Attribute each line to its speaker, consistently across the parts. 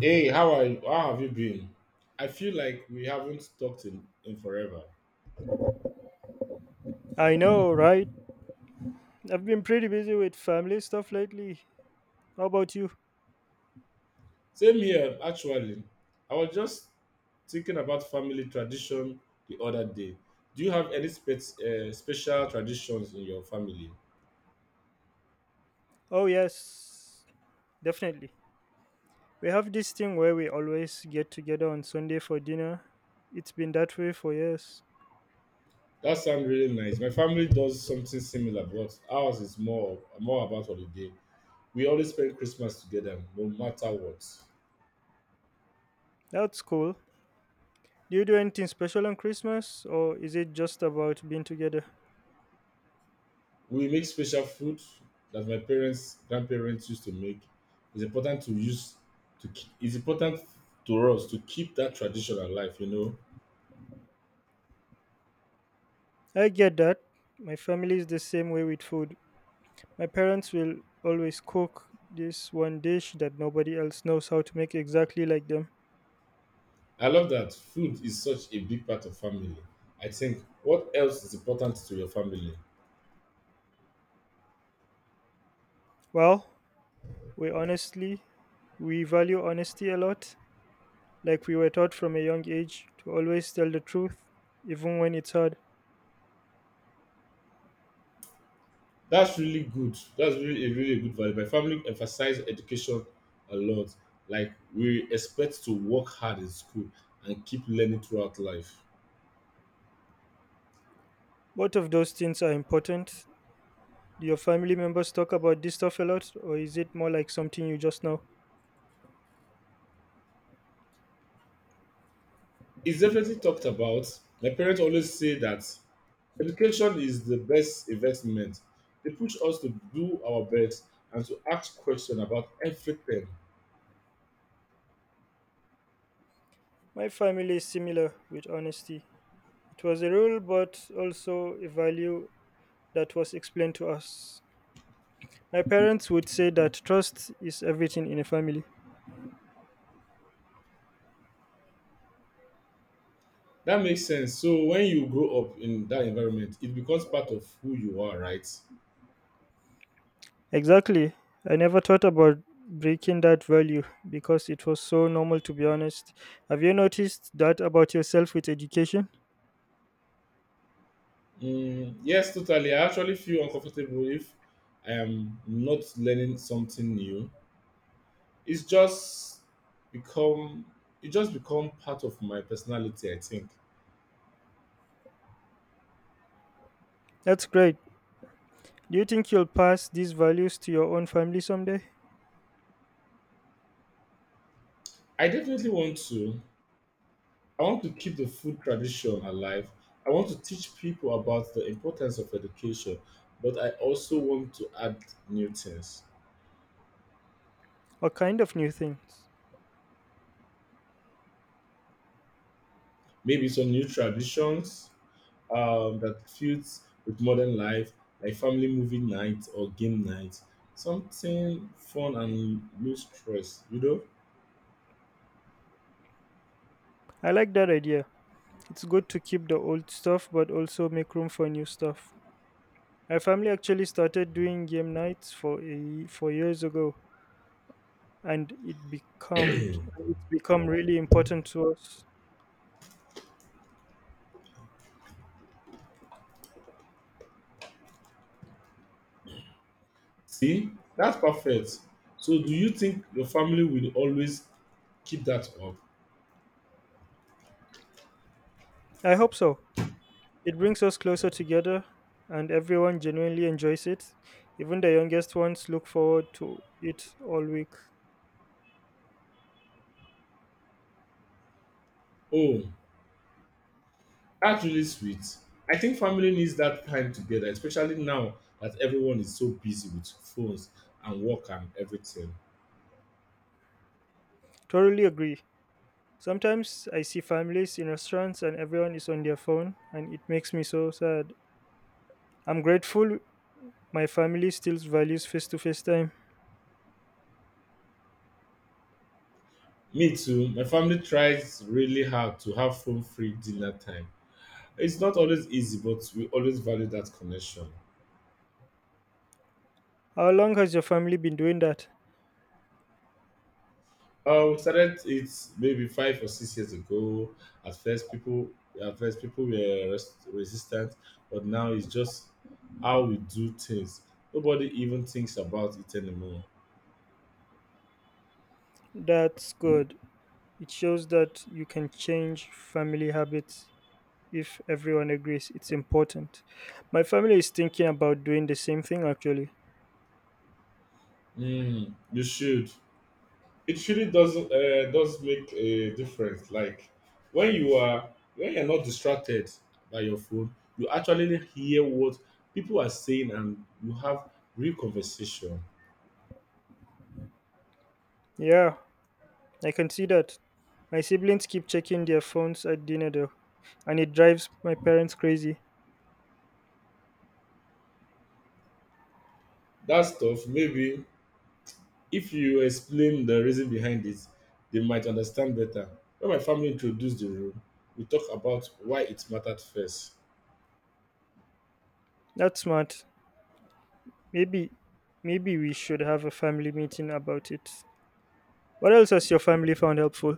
Speaker 1: Hey, how are you? How have you been? I feel like we haven't talked in forever.
Speaker 2: I know, right? I've been pretty busy with family stuff lately. How about you?
Speaker 1: Same here, actually. I was just thinking about family tradition the other day. Do you have any special traditions in your family?
Speaker 2: Oh, yes, definitely. We have this thing where we always get together on Sunday for dinner. It's been that way for years.
Speaker 1: That sounds really nice. My family does something similar, but ours is more about holiday. We always spend Christmas together, no matter what.
Speaker 2: That's cool. Do you do anything special on Christmas, or is it just about being together?
Speaker 1: We make special food that my parents, grandparents used to make. It's important to use it's important to us to keep that tradition alive. You know,
Speaker 2: I get that. My family is the same way with food. My parents will always cook this one dish that nobody else knows how to make exactly like them.
Speaker 1: I love that food is such a big part of family. I think what else is important to your family?
Speaker 2: Well, we honestly we value honesty a lot, like we were taught from a young age to always tell the truth, even when it's hard.
Speaker 1: That's really good. That's really good value. My family emphasize education a lot. Like we expect to work hard in school and keep learning throughout life.
Speaker 2: Both of those things are important. Do your family members talk about this stuff a lot, or is it more like something you just know?
Speaker 1: It's definitely talked about. My parents always say that education is the best investment. They push us to do our best and to ask questions about everything.
Speaker 2: My family is similar with honesty. It was a rule but also a value that was explained to us. My parents would say that trust is everything in a family.
Speaker 1: That makes sense. So when you grow up in that environment, it becomes part of who you are, right?
Speaker 2: Exactly. I never thought about breaking that value because it was so normal, to be honest. Have you noticed that about yourself with education?
Speaker 1: Mm, yes, totally. I actually feel uncomfortable if I am not learning something new. It's just become it just become part of my personality, I think.
Speaker 2: That's great. Do you think you'll pass these values to your own family someday?
Speaker 1: I definitely want to. I want to keep the food tradition alive. I want to teach people about the importance of education, but I also want to add new things.
Speaker 2: Or kind of new things?
Speaker 1: Maybe some new traditions that fits with modern life, like family movie night or game night. Something fun and low stress, you
Speaker 2: I like that idea. It's good to keep the old stuff but also make room for new stuff. My family actually started doing game nights for years ago, and
Speaker 1: know?
Speaker 2: it's become really important to us.
Speaker 1: See, that's perfect. So, do you think your family will always keep that up?
Speaker 2: I hope so. It brings us closer together, and everyone genuinely enjoys it. Even the youngest ones look forward to it all week.
Speaker 1: Oh, that's really sweet. I think family needs that time together, especially now that everyone is so busy with phones and work and everything.
Speaker 2: Totally agree. Sometimes I see families in restaurants and everyone is on their phone, and it makes me so sad. I'm grateful my family still values face to face time.
Speaker 1: Me too. My family tries really hard to have phone free dinner time. It's not always easy, but we always value that connection.
Speaker 2: How long has your family been doing that?
Speaker 1: We started it maybe 5 or 6 years ago. At first, people at first people were resistant, but now it's just how we do things. Nobody even thinks about it anymore.
Speaker 2: That's good. It shows that you can change family habits if everyone agrees it's important. My family is thinking about doing the same thing actually.
Speaker 1: Mm, you should. It really does make a difference, like when you are when you're not distracted by your phone. You actually hear what people are saying and you have real conversation.
Speaker 2: Yeah, I can see that. My siblings keep checking their phones at dinner though, and it drives my parents crazy.
Speaker 1: That stuff, maybe if you explain the reason behind it, they might understand better. When my family introduced the room, we talk about why it mattered first.
Speaker 2: That's smart. Maybe maybe we should have a family meeting about it. What else has your family found helpful?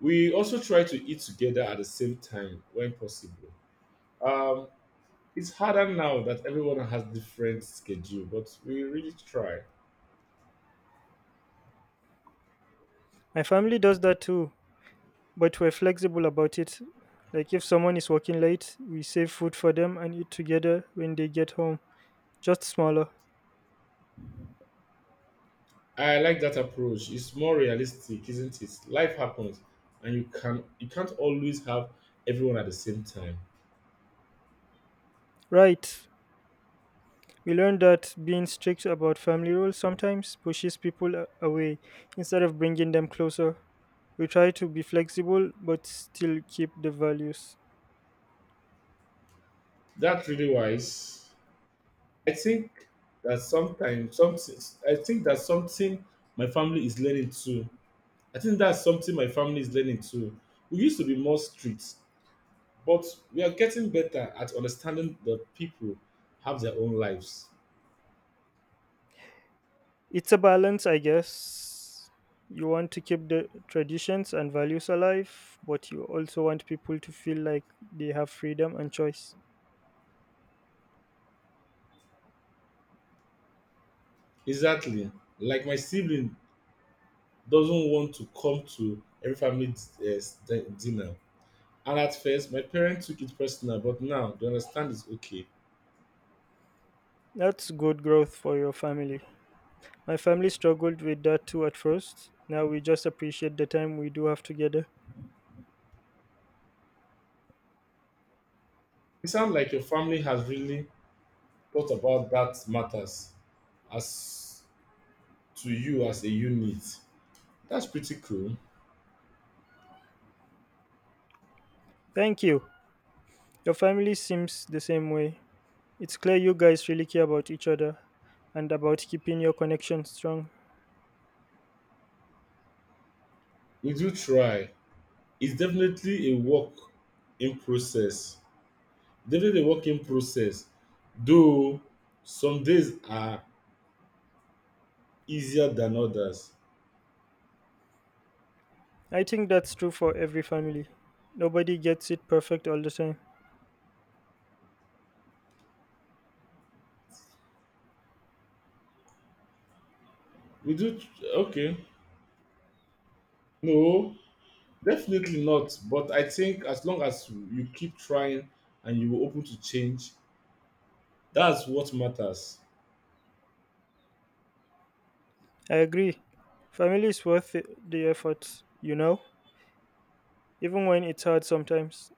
Speaker 1: We also try to eat together at the same time when possible. um It's harder now that everyone has different schedule, but we really try.
Speaker 2: My family does that too, but we're flexible about it. Like if someone is working late, we save food for them and eat together when they get home. Just smaller.
Speaker 1: I like that approach. It's more realistic, isn't it? Life happens and you can't always have everyone at the same time.
Speaker 2: Right. We learned that being strict about family rules sometimes pushes people away instead of bringing them closer. We try to be flexible but still keep the values.
Speaker 1: That's really wise. I think that sometimes something I think that something my family is learning too. I think that's something my family is learning too. We used to be more strict, but we are getting better at understanding that people have their own lives.
Speaker 2: It's a balance, I guess. You want to keep the traditions and values alive, but you also want people to feel like they have freedom and choice.
Speaker 1: Exactly. Like my sibling doesn't want to come to every family uh, dinner. And at first, my parents took it personal, but now they understand it's okay.
Speaker 2: That's good growth for your family. My family struggled with that too at first. Now we just appreciate the time we do have together.
Speaker 1: It sounds like your family has really thought about that matters as to you as a unit. That's pretty cool.
Speaker 2: Thank you. Your family seems the same way. It's clear you guys really care about each other and about keeping your connection strong.
Speaker 1: We do try. It's definitely a work in process. Definitely a work in process. Though some days are easier than others.
Speaker 2: I think that's true for every family. Nobody gets it perfect all the time.
Speaker 1: We do okay. No, definitely not. But I think as long as you keep trying and you're open to change, that's what matters.
Speaker 2: I agree. Family is worth the effort, you know, even when it's hard sometimes.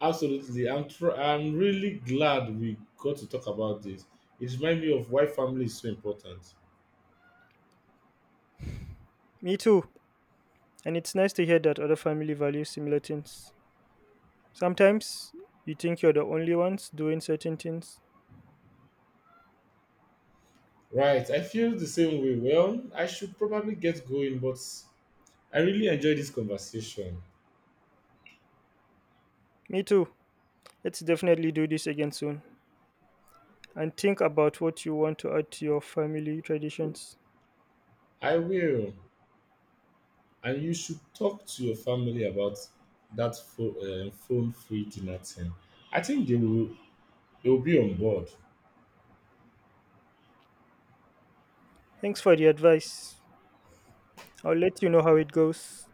Speaker 1: Absolutely. I'm really glad we got to talk about this. It reminds me of why family is so important.
Speaker 2: Me too. And it's nice to hear that other family values similar things. Sometimes you think you're the only ones doing certain things.
Speaker 1: Right. I feel the same way. Well, I should probably get going, but I really enjoyed this conversation.
Speaker 2: Me too. Let's definitely do this again soon and think about what you want to add to your family traditions.
Speaker 1: I will. And you should talk to your family about that phone free dinner thing. I think they will they'll be on board.
Speaker 2: Thanks for the advice. I'll let you know how it goes.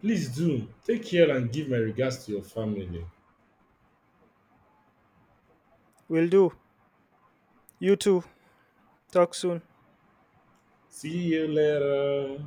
Speaker 1: Please do take care and give my regards to your family.
Speaker 2: Will do. You too. Talk soon.
Speaker 1: See you later.